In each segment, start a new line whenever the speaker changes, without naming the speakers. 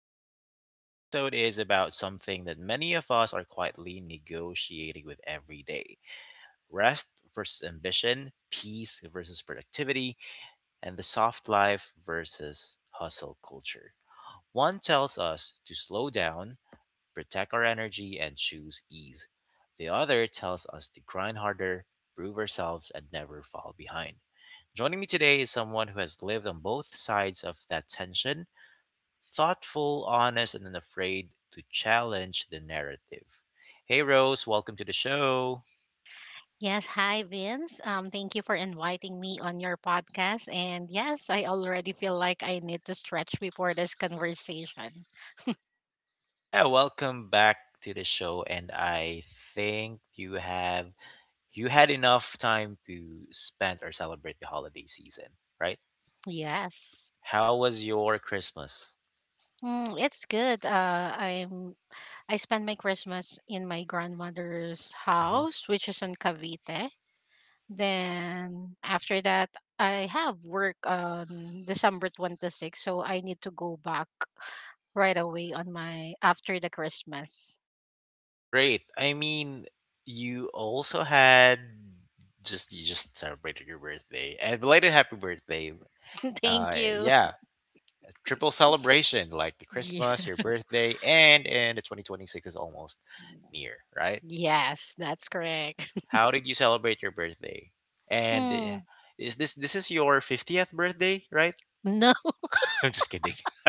Vince. And today's episode is about something that many of us are quietly negotiating with every day: rest versus ambition, peace versus productivity, and the soft life versus hustle culture. One tells us to slow down, protect our energy, and choose ease. The other tells us to grind harder, prove ourselves, and never fall behind. Joining me today is someone who has lived on both sides of that tension, thoughtful, honest, and unafraid to challenge the narrative. Hey, Rose, welcome to the show.
Yes, hi Vince. Thank you for inviting me on your podcast. And yes, I already feel like I need to stretch before this conversation.
Yeah, welcome back to the show, and I think you had enough time to spend or celebrate the holiday season, right?
Yes.
How was your Christmas?
It's good. I spent my Christmas in my grandmother's
Mhm.
house, which is in Cavite. Then after that, I have work on December 26, so I need to go back right away on my after the Christmas.
Great. I mean, you also had just celebrated your birthday, and belated happy birthday.
Thank
Uh,
you.
yeah, triple celebration, like the
Yeah.
Christmas, your birthday, and the 2026 is almost near, right?
Yes, that's correct.
How did you celebrate your birthday? And
Mm,
is this is your 50th birthday, right?
no.
I'm just kidding.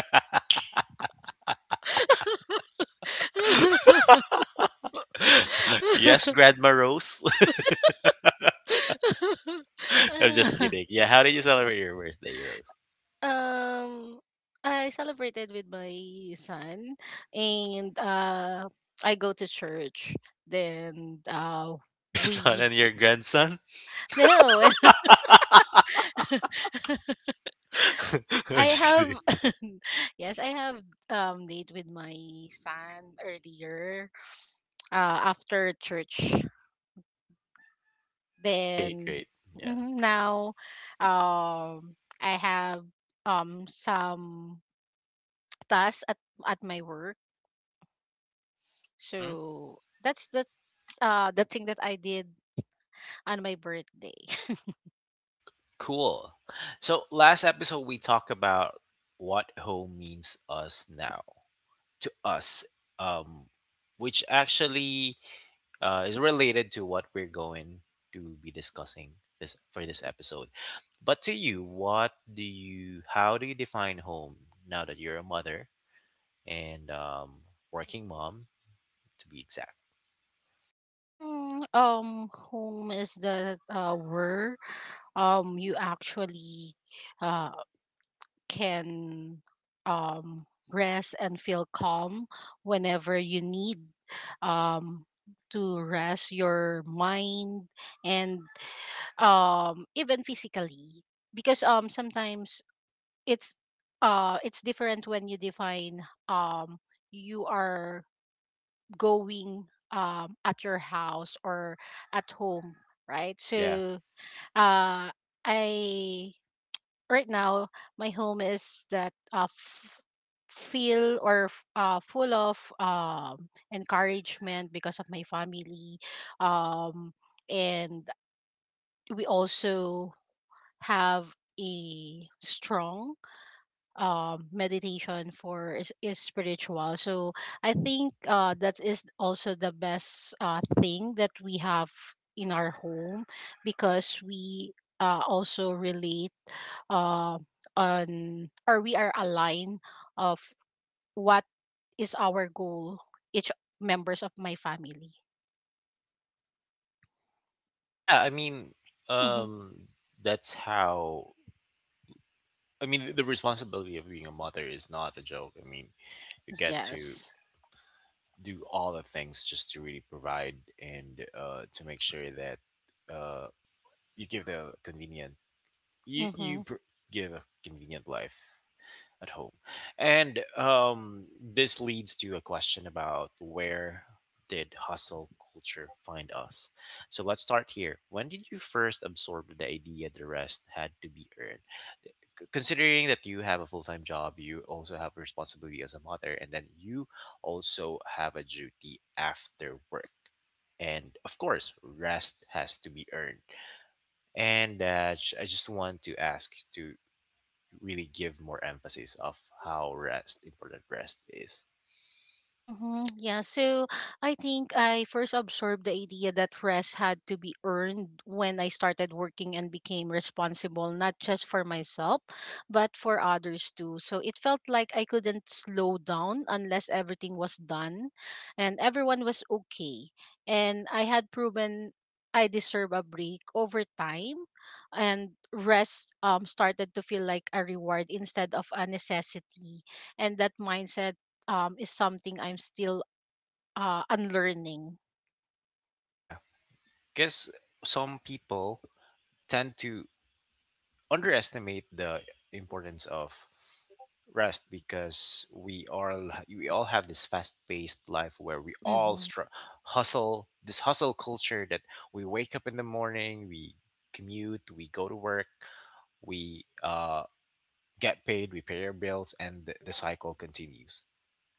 Yes, Grandma Rose. I'm just kidding. Yeah, how did you celebrate your birthday, Rose?
Uh, um, I celebrated with my son, and I go to church. Then
Your son
we
and your grandson?
no.
I'm
I
just kidding.
have Yes, I have date with my son earlier, after church.
Okay,
Then,
great. Yeah.
mhm, now, um, I have some tasks at my work.
Mm-hmm.
So that's the the thing that I did on my birthday.
Cool. So last episode we talked about what home means us now. To us, um, which actually is related to what we're going to be discussing this for this episode. But to you, how do you define home now that you're a mother and working mom, to be exact?
Whom is the word, you actually uh can rest and feel calm whenever you need um to rest your mind and even physically, because sometimes it's it's different when you define, um you are going, at your house or at home, right?
Yeah,
So uh I, right now, my home is that, feel, or full of encouragement because of my family. um and we also have a strong, meditation for is spiritual. So I think, that is also the best, thing that we have in our home, because we, also relate, uh, on, or we are aligned of what is our goal, each members of my family.
yeah. I mean,
Hmm.
um, that's how. I mean, the responsibility of being a mother is not a joke. I mean, you get to
Yes.
do all the things just to really provide and to make sure that uh, you give the convenient you
Hmm.
you pr- give a convenient life at home. And this leads to a question about where did hustle culture find us. So let's start here: when did you first absorb the idea the rest had to be earned, considering that you have a full-time job, you also have responsibility as a mother, and then you also have a duty after work? And of course, rest has to be earned. And I just want to ask to really give more emphasis of how rest important rest is.
Mm-hmm. Yeah, so I think I first absorbed the idea that rest had to be earned when I started working and became responsible, not just for myself, but for others too. So it felt like I couldn't slow down unless everything was done and everyone was okay. And I had proven I deserve a break over time, and rest, started to feel like a reward instead of a necessity. And that mindset, is something I'm still, unlearning.
Yeah, because some people tend to underestimate the importance of rest, because we all have this fast-paced life where
Mm-hmm.
hustle, this hustle culture that we wake up in the morning, we commute, we go to work, we get paid, we pay our bills, and the cycle continues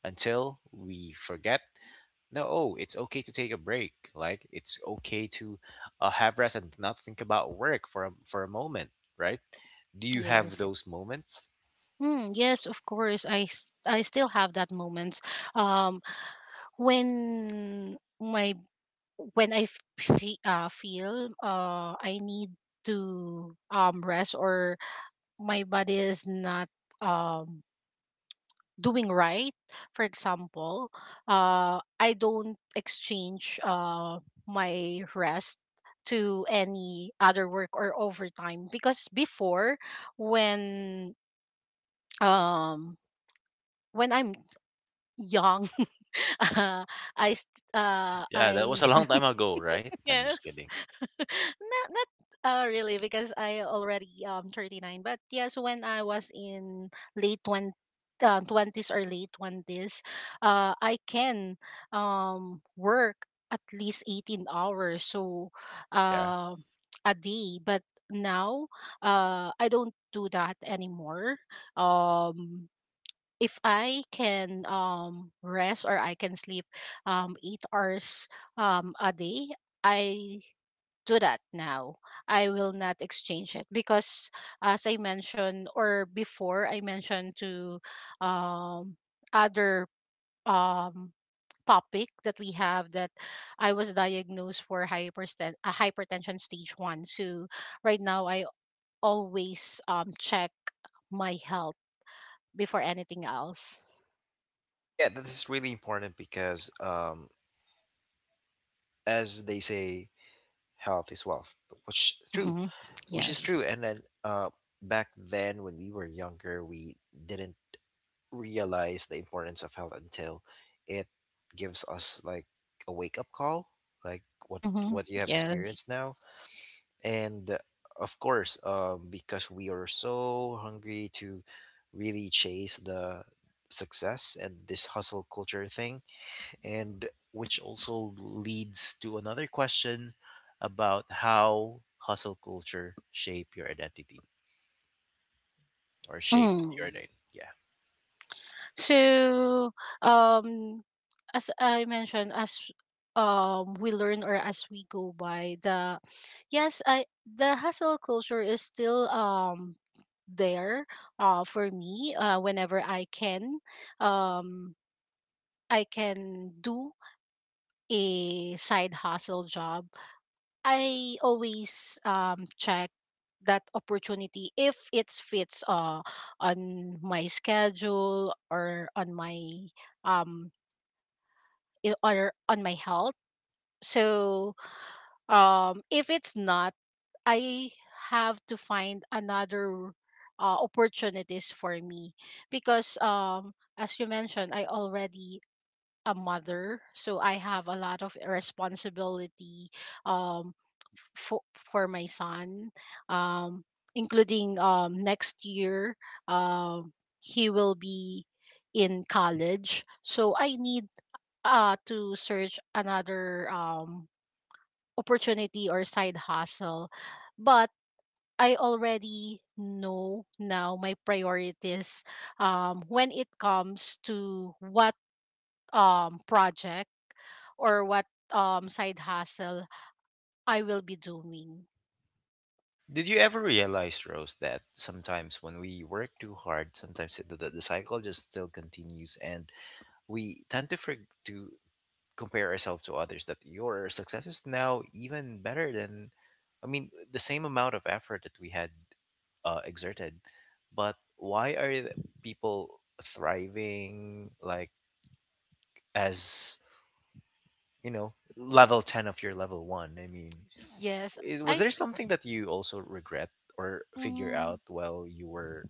until we forget. No, oh, it's okay to take a break. Like it's okay to have rest and not think about work for for a moment, right? Do you have
Yes.
those moments?
Mm, yes, of course. I still have that moments, um, when my, when I, feel, I need to, rest, or my body is not, um, doing right. For example, I don't exchange my rest to any other work or overtime, because before, when, um when I'm young, uh, I st-
Yeah, that was
I
a long time ago, right? I'm just
yes,
kidding.
not really, because I already 39, but yes when I was in late 20, 20s or late 20s, I can work at least 18 hours, so
Yeah.
uh a day. But now, I don't do that anymore. um if I can rest, or I can sleep 8 hours a day, I do that now. I will not exchange it, because, as I mentioned, or before I mentioned to, um, other, um, topic that we have, that I was diagnosed for hypertension stage one. So right now, I always, check my health before anything else.
Yeah, this is really important because, as they say, health is wealth, which is true,
Mm-hmm.
which is
Yes.
true. And then, back then when we were younger, we didn't realize the importance of health until it gives us like a wake up call, like
Mm-hmm.
what you have
Yes.
experienced now. And of course, because we are so hungry to really chase the success and this hustle culture thing, and which also leads to another question about how hustle culture shape your identity or shape your
Mm.
identity. Yeah.
So, um, as I mentioned, as, we learn or as we go by the, yes, I the hustle culture is still, there, for me, whenever I can, um I can do a side hustle job. I always, check that opportunity if it fits, on my schedule, or um on my health. So, if it's not, I have to find another, opportunities for me, because, as you mentioned, I already a mother, so I have a lot of responsibility, um, for my son, um, including, next year, um, he will be in college, so I need, to search another, opportunity or side hustle, but I already know now my priorities, when it comes to what, project, or what, side hustle I will be doing.
Did you ever realize, Rose, that sometimes when we work too hard, sometimes the cycle just still continues, and we tend to to compare ourselves to others. That your success is now even better than, I mean, the same amount of effort that we had exerted. But why are the people thriving like, as you know, level ten of your level one? I mean,
Yes.
is,
i
was there
s-
something that you also regret or figure
mm-hmm.
out while you were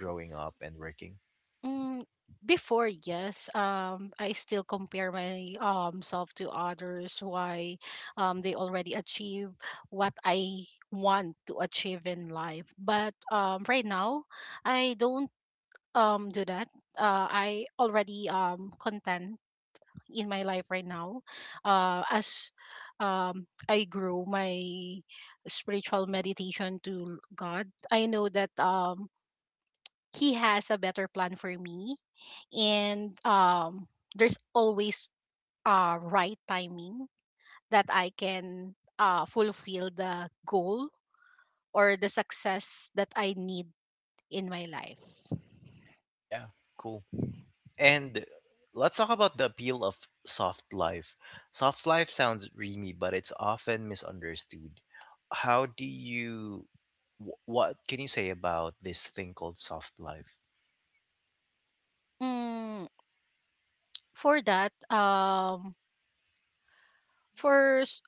growing up and working?
Mm, Before, yes. I still compare my, self to others. Why, they already achieve what I want to achieve in life. But, right now, I don't, do that. I already, content in my life right now. As, um I grow my spiritual meditation to God, I know that, he has a better plan for me, and, there's always, right timing that I can, fulfill the goal or the success that I need in my life.
Yeah, cool. And let's talk about the appeal of soft life. Soft life sounds dreamy, but it's often misunderstood. How do you, what can you say about this thing called soft life?
Mm, for that, for s-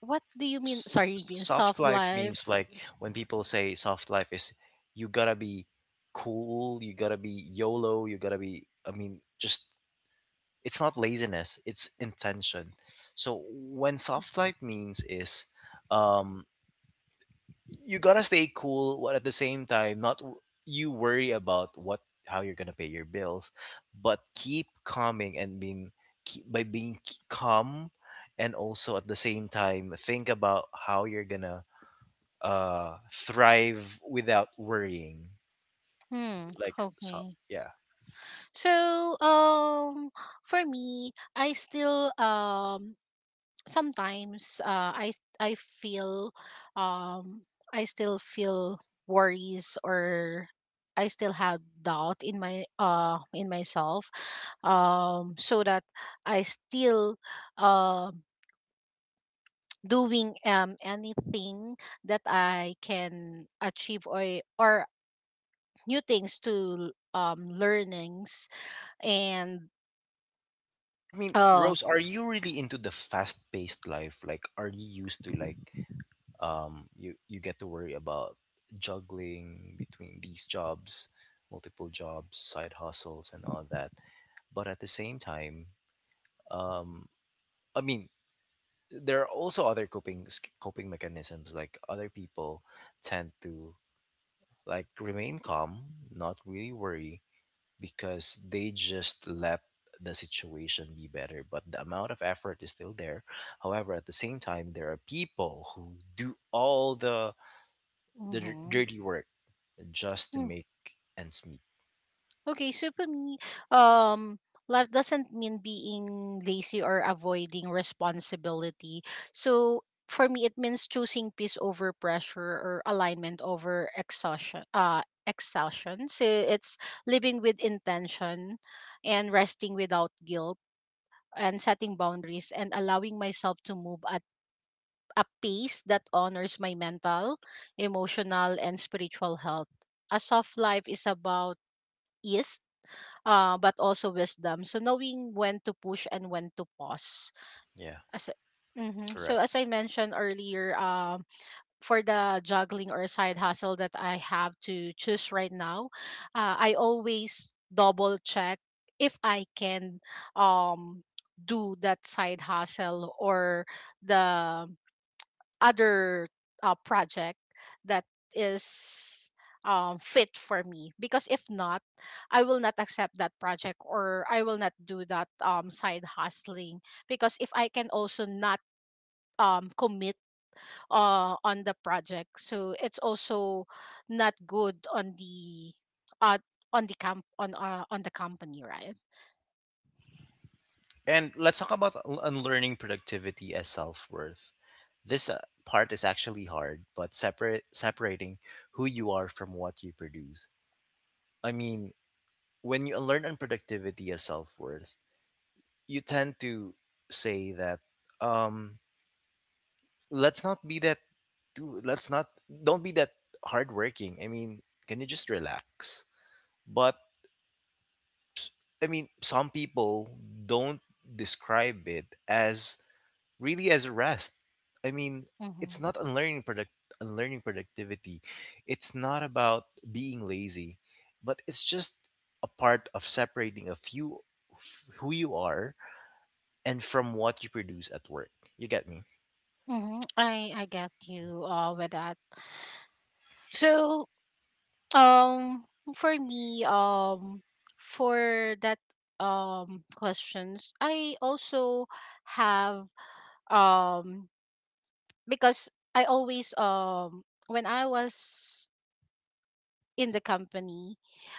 what do you mean?
S-
Sorry, in
Soft
soft
life means
life.
like, when people say soft life is you gotta be cool, you gotta be YOLO, you gotta be, I mean, just, it's not laziness, it's intention. So when soft life means is um you gotta stay cool while at the same time not w- you worry about what how you're gonna pay your bills, but keep calming and being, keep, by being calm, and also at the same time think about how you're gonna thrive without worrying,
Hmm.
like so,
Okay.
yeah.
So, for me, I still, sometimes, I feel, um I still feel worries, or I still have doubt in my, in myself, so that I still, um doing, anything that I can achieve, or new things to, learnings, and
I mean,
uh
Rose, are you really into the fast-paced life? Like, are you used to like, you you get to worry about juggling between these jobs, multiple jobs, side hustles, and all that, but at the same time, um, I mean, there are also other coping mechanisms, like other people tend to like remain calm, not really worry, because they just let the situation be better, but the amount of effort is still there. However, at the same time, there are people who do all the
mhm.
dirty work just to make ends meet.
Okay, so for me, um, life doesn't mean being lazy or avoiding responsibility. So for me, it means choosing peace over pressure, or alignment over exhaustion. Exhaustion. So it's living with intention, and resting without guilt, and setting boundaries, and allowing myself to move at a pace that honors my mental, emotional, and spiritual health. A soft life is about ease, but also wisdom. So knowing when to push and when to pause.
Yeah,
As mm So
correct.
as I mentioned earlier, for the juggling or side hustle that I have to choose right now, I always double check if I can, um do that side hustle, or the other, project that is, fit for me, because if not, I will not accept that project, or I will not do that, side hustling. Because if I can also not, commit, on the project, so it's also not good on the, uh, on the camp on the company, right?
Yeah. And let's talk about unlearning productivity as self worth. This part is actually hard, but separate separating who you are from what you produce. I mean, when you unlearn unproductivity as self worth, you tend to say that, um, let's not be that, do- let's not, don't be that hardworking. I mean, can you just relax? But I mean, some people don't describe it as really as a rest. I mean, it's
Mm-hmm.
not unlearning productivity. It's not about being lazy, but it's just a part of separating who you are and from what you produce at work. You get me?
Mm-hmm. I get you, with that. So, Um, for me, for that, questions, I also have, um because I always, when I was in the company,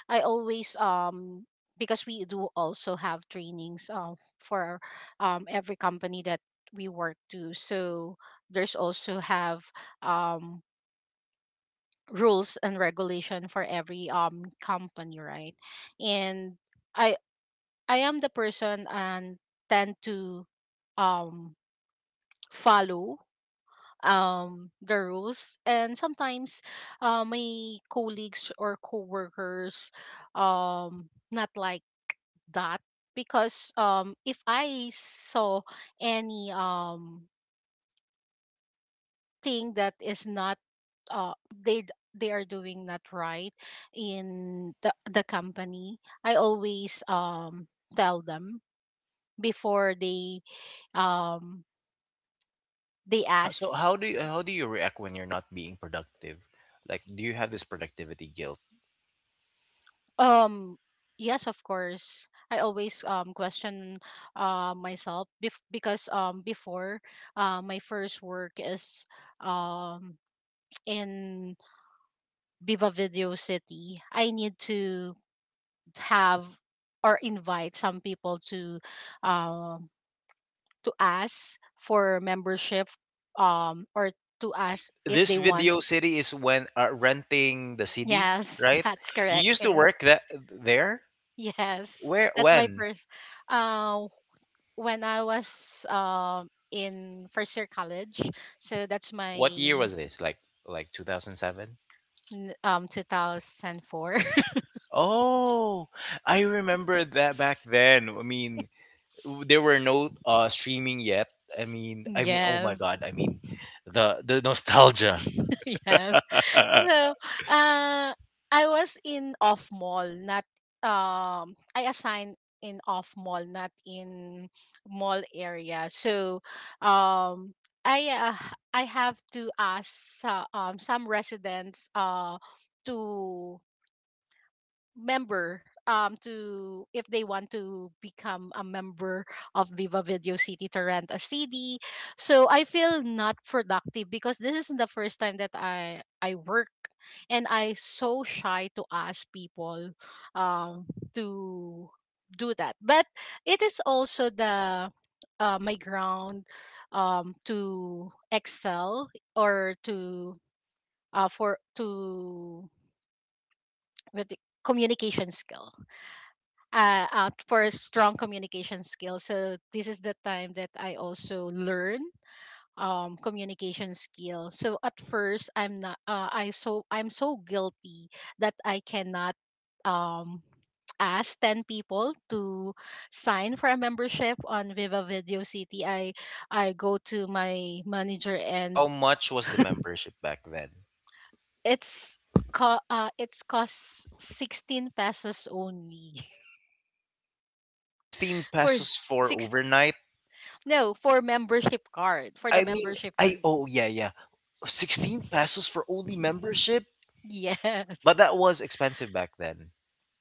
I always, because we do also have trainings, for, every company that we work to. So there's also have, um rules and regulation for every, company, right? And i I am the person and tend to, um follow, the rules, and sometimes, my colleagues or coworkers, not like that, because, if I saw any, thing that is not, they are doing not right in the company, I always, tell them before they, um
So
ask.
how do you react when you're not being productive? Like, do you have this productivity guilt?
um yes, of course, I always, question, myself, because, before, my first work is, um in Viva Video City. I need to have, or invite some people to, um, to ask for membership, or to
Wait,
ask if
this
they want.
video city is when renting the CD,
Yes,
right?
that's
You
correct.
used to
Yes,
work that there?
yes,
Where?
that's my
When?
first. Uh, when I was, in first year college, so that's my
What year was this? Like 2007?
2004.
Oh, I remember that back then. I mean, there were no streaming yet. I mean, oh my
Yes.
God, I mean, the nostalgia.
Yes. So, uh, I was in off mall, not, I assigned in off mall, not in mall area. So, um, I have to ask, some residents, to member, to if they want to become a member of Viva Video City to rent a CD. So I feel not productive because this is the first time that I work, and I so shy to ask people, um to do that. But it is also the, my ground, to excel, or to, for to with the communication skill, for strong communication skills. So this is the time that I also learn, communication skill. So at first I'm not, I so I'm so guilty that I cannot, um ask 10 people to sign for a membership on Viva Video City. I go to my manager, and
How much was the membership back then?
it's it's cost 16 pesos only.
16
for.
pesos for overnight.
No, for membership card. For the
I mean,
membership
I,
card.
oh yeah, yeah. 16 pesos for only membership? But
Yes.
that was expensive back then,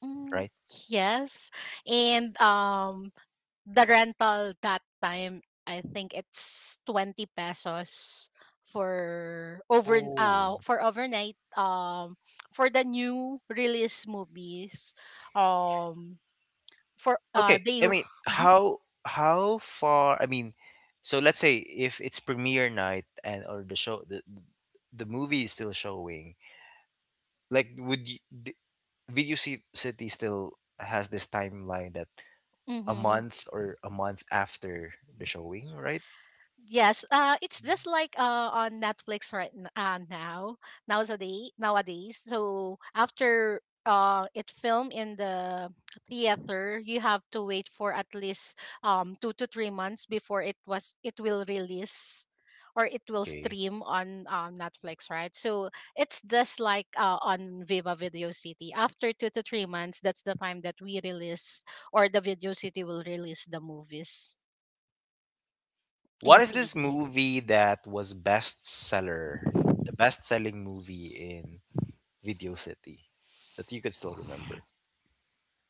Mm,
right?
yes. And, the rental that time, I think it's 20 pesos for,
Oh.
overnight, for the new release movies, um for
Okay.
they
I mean,
mm-hmm,
how far, I mean, so let's say if it's premiere night and or the movie is still showing, like would you, Video City still has this timeline that a
mm-hmm.
month or a month after the showing, right?
Yes, it's just like, on Netflix right, now, nowadays, nowadays. So after, it film in the theater, you have to wait for at least, 2 to 3 months before it will release, or it will
Okay.
stream on, Netflix, right? So it's just like, on Viva Video City. After 2 to 3 months, that's the time that we release, or the Video City will release the movies
What
in
is this
CD.
movie that was bestseller? The best-selling movie in Video City that you could still remember.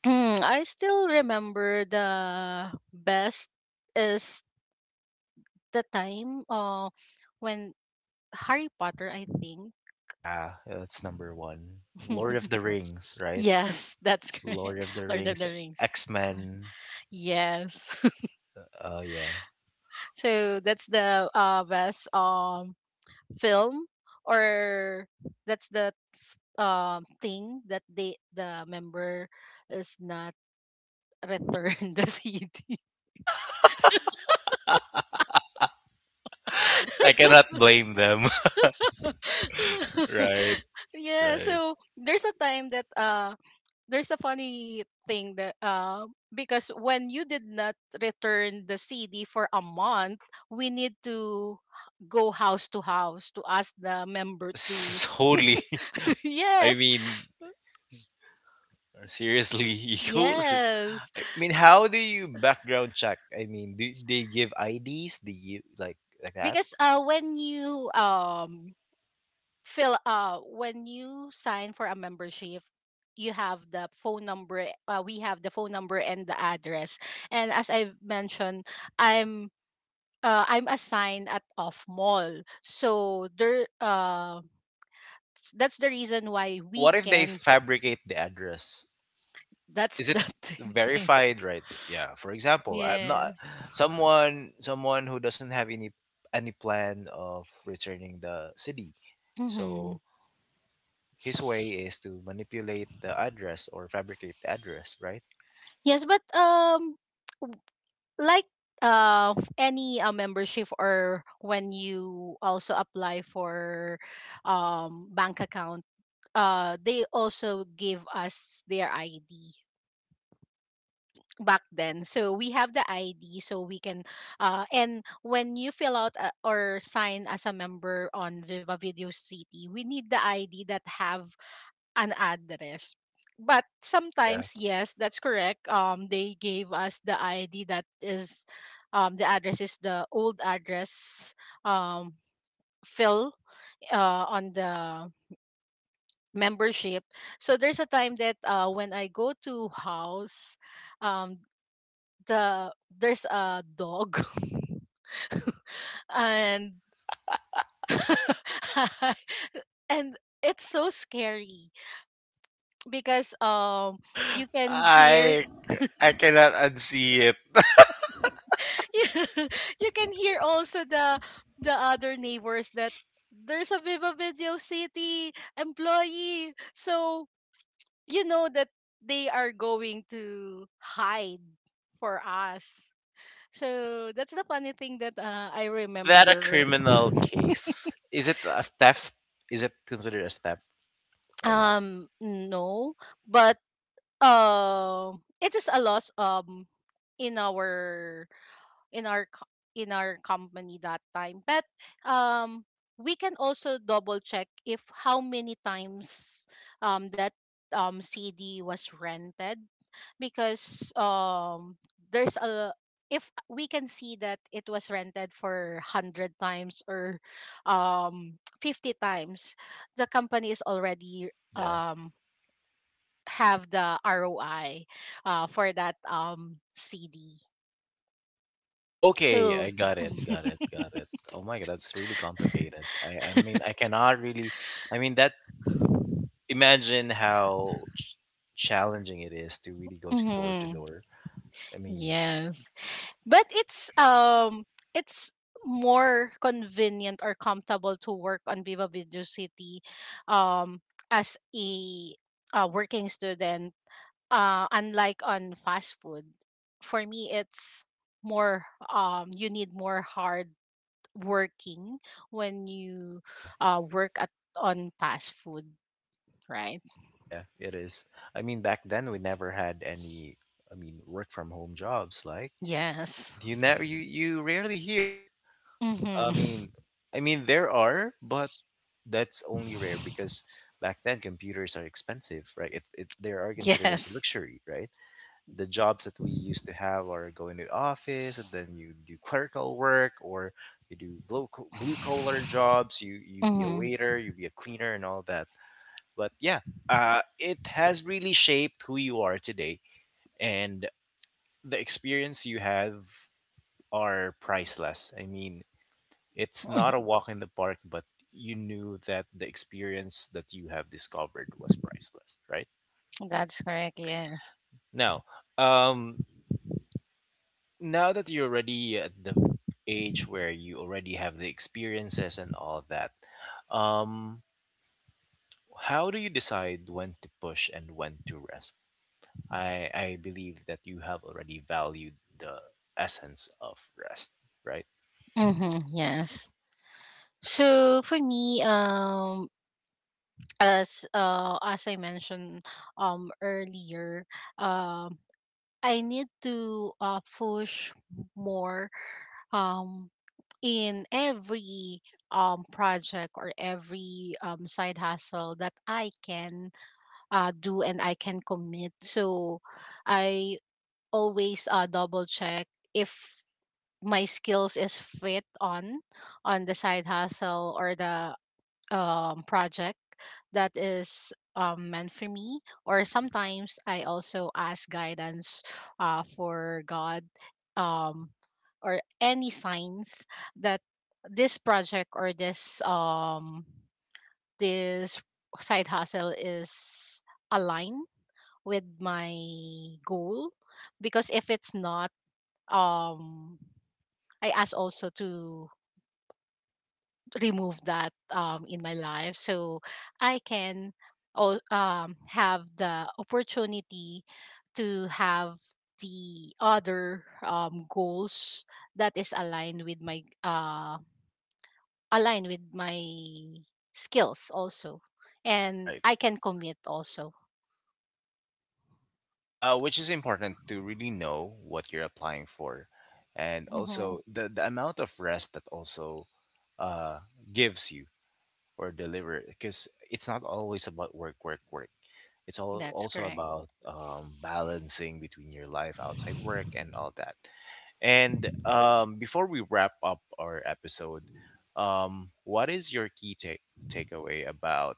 Hmm, I still remember the best is the time, when Harry Potter, I think.
Yeah, yeah, that's number one. Lord of the Rings, right?
Yes, that's correct.
Lord of the
Lord of
Rings,
the Rings.
X Men.
Yes.
Oh yeah,
So that's the best film or that's the f- thing that they the member is not returned the CD.
I cannot blame them. Right,
Yeah,
right.
so there's a funny thing that because when you did not return the CD for a month, we need to go house to house to ask the member to
Holy, I
yes.
mean, seriously, you.
Yes.
I mean, how do you background check? I mean, do they give IDs? Do you like that?
Because when when you sign for a membership, you have the phone number. We have the phone number and the address. And as I mentioned, I'm I'm assigned at Off Mall, so there. That's the reason why we
What if they
can.
fabricate the address?
That's
Is it
the thing.
verified, right? Yeah, for example, I'm not
Yes.
someone, someone who doesn't have any plan of returning the city. Mhm.
Mm-hmm.
So his way is to manipulate the address or fabricate the address, right?
Yes, but like any membership, or when you also apply for bank account, they also give us their ID back then, so we have the ID, so we can. And when you fill out, or sign as a member on Viva Video City, we need the ID that have an address. But
Yeah.
sometimes, yes, that's correct. They gave us the ID that is, the address is the old address. Um, fill on the membership. So there's a time that when I go to house, um, there's a dog, and and it's so scary because you can hear.
i I cannot unsee it.
Yeah, you can hear also the other neighbors that there's a Viva Video City employee. So you know that they are going to hide for us. So that's the funny thing that I
Is that a
remember.
criminal case, is it a theft, is it considered as theft or not?
No, but uh, it is a loss in our in our co- in our company that time. But um, we can also double check if how many times that CD was rented, because there's a if we can see that it was rented for 100 times or 50 times, the company is already
Yeah.
um have the ROI for that CD,
Okay,
so
I got it, got it, got it. Oh my god, that's really complicated. I mean, I cannot really. I mean, that, imagine how challenging it is to really go to door to
mhm.
door. I mean,
Yes. But it's more convenient or comfortable to work on Viva Video City, uh, as a working student, unlike on fast food. For me it's more you need more hard working when you
yeah,
work at on fast food, right?
yeah, it is. I mean, back then we never had any. I mean, work from home jobs. Like
Yes.
you never, you rarely hear.
Mhm.
I mean, I mean there are, but that's only rare because back then computers are expensive, right? It they are considered as a
Yes.
luxury, right? The jobs that we used to have are going to office, and then you do clerical work, or you do blue collar jobs, you be a
Mhm.
waiter, you be a cleaner, and all that. But yeah, it has really shaped who you are today, and the experience you have are priceless. I mean, it's
Mhm.
not a walk in the park, but you knew that the experience that you have discovered was priceless, right?
That's correct. Yes.
Now, um now that you're already at the age where you already have the experiences and all that, um how do you decide when to push and when to rest? I believe that you have already valued the essence of rest, right?
Mm-hmm, yes. So for me, as I mentioned earlier, um, I need to push more um in every project or every side hustle that I can do and I can commit. So I always double check if my skills is fit on the side hustle or the project that is meant for me. Or sometimes I also ask guidance for God, um or any signs that this project or this this side hustle is aligned with my goal, because if it's not, um, I ask also to remove that in my life, so I can all, have the opportunity to have the other goals that is aligned with my aligned with my skills also, and
Right.
I can commit also.
Which is important to really know what you're applying for, and
Mm-hmm.
also the amount of rest that also uh, gives you or deliver, because it's not always about work, work, work. It's all
That's
also
correct.
about balancing between your life outside work and all that. And before we wrap up our episode, what is your key take takeaway about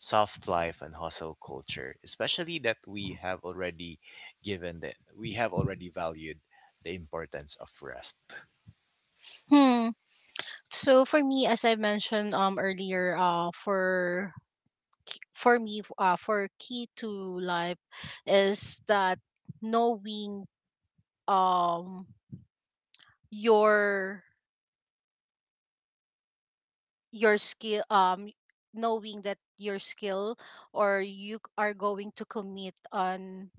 soft life and hustle culture, especially that we have already given that we have already valued the importance of rest.
Hmm. So for me, as I mentioned earlier, for k- for me f- for key to life is that knowing um your your skill knowing that your skill, or you are going to commit on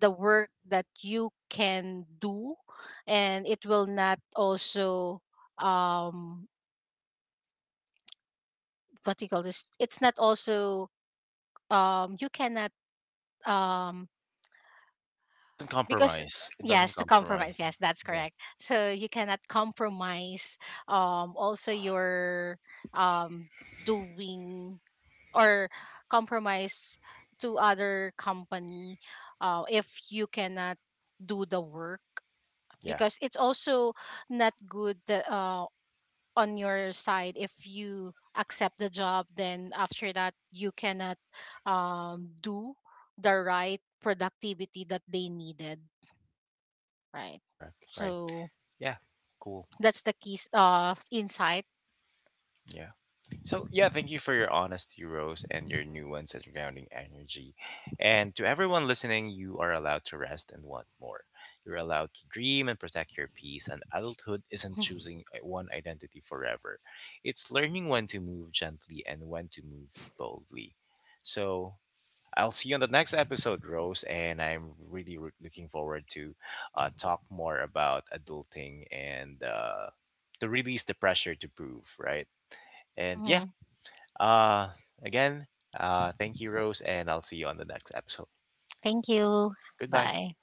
the work that you can do, and it will not also um what do you call this, it's not also um, you cannot um,
It doesn't
because
compromise. It doesn't
yes, to compromise,
compromise.
yes, that's
Yeah.
correct. So you cannot compromise also your um doing, or compromise to other company, if you cannot do the work,
Yeah.
because it's also not good that, on your side, if you accept the job, then after that you cannot do the right productivity that they needed. Right.
Correct. Right.
So
Yeah. Cool.
that's the key insight.
Yeah. So yeah, thank you for your honesty, Rose, and your nuance and grounding energy. And to everyone listening, you are allowed to rest and want more. You're allowed to dream and protect your peace. And adulthood isn't choosing one identity forever. It's learning when to move gently and when to move boldly. So I'll see you on the next episode, Rose. And I'm really looking forward to talk more about adulting, and to release the pressure to prove, right? And yeah,
Hmm.
uh, again, thank you, Rose, and I'll see you on the next episode.
Thank you.
Goodbye.
Bye.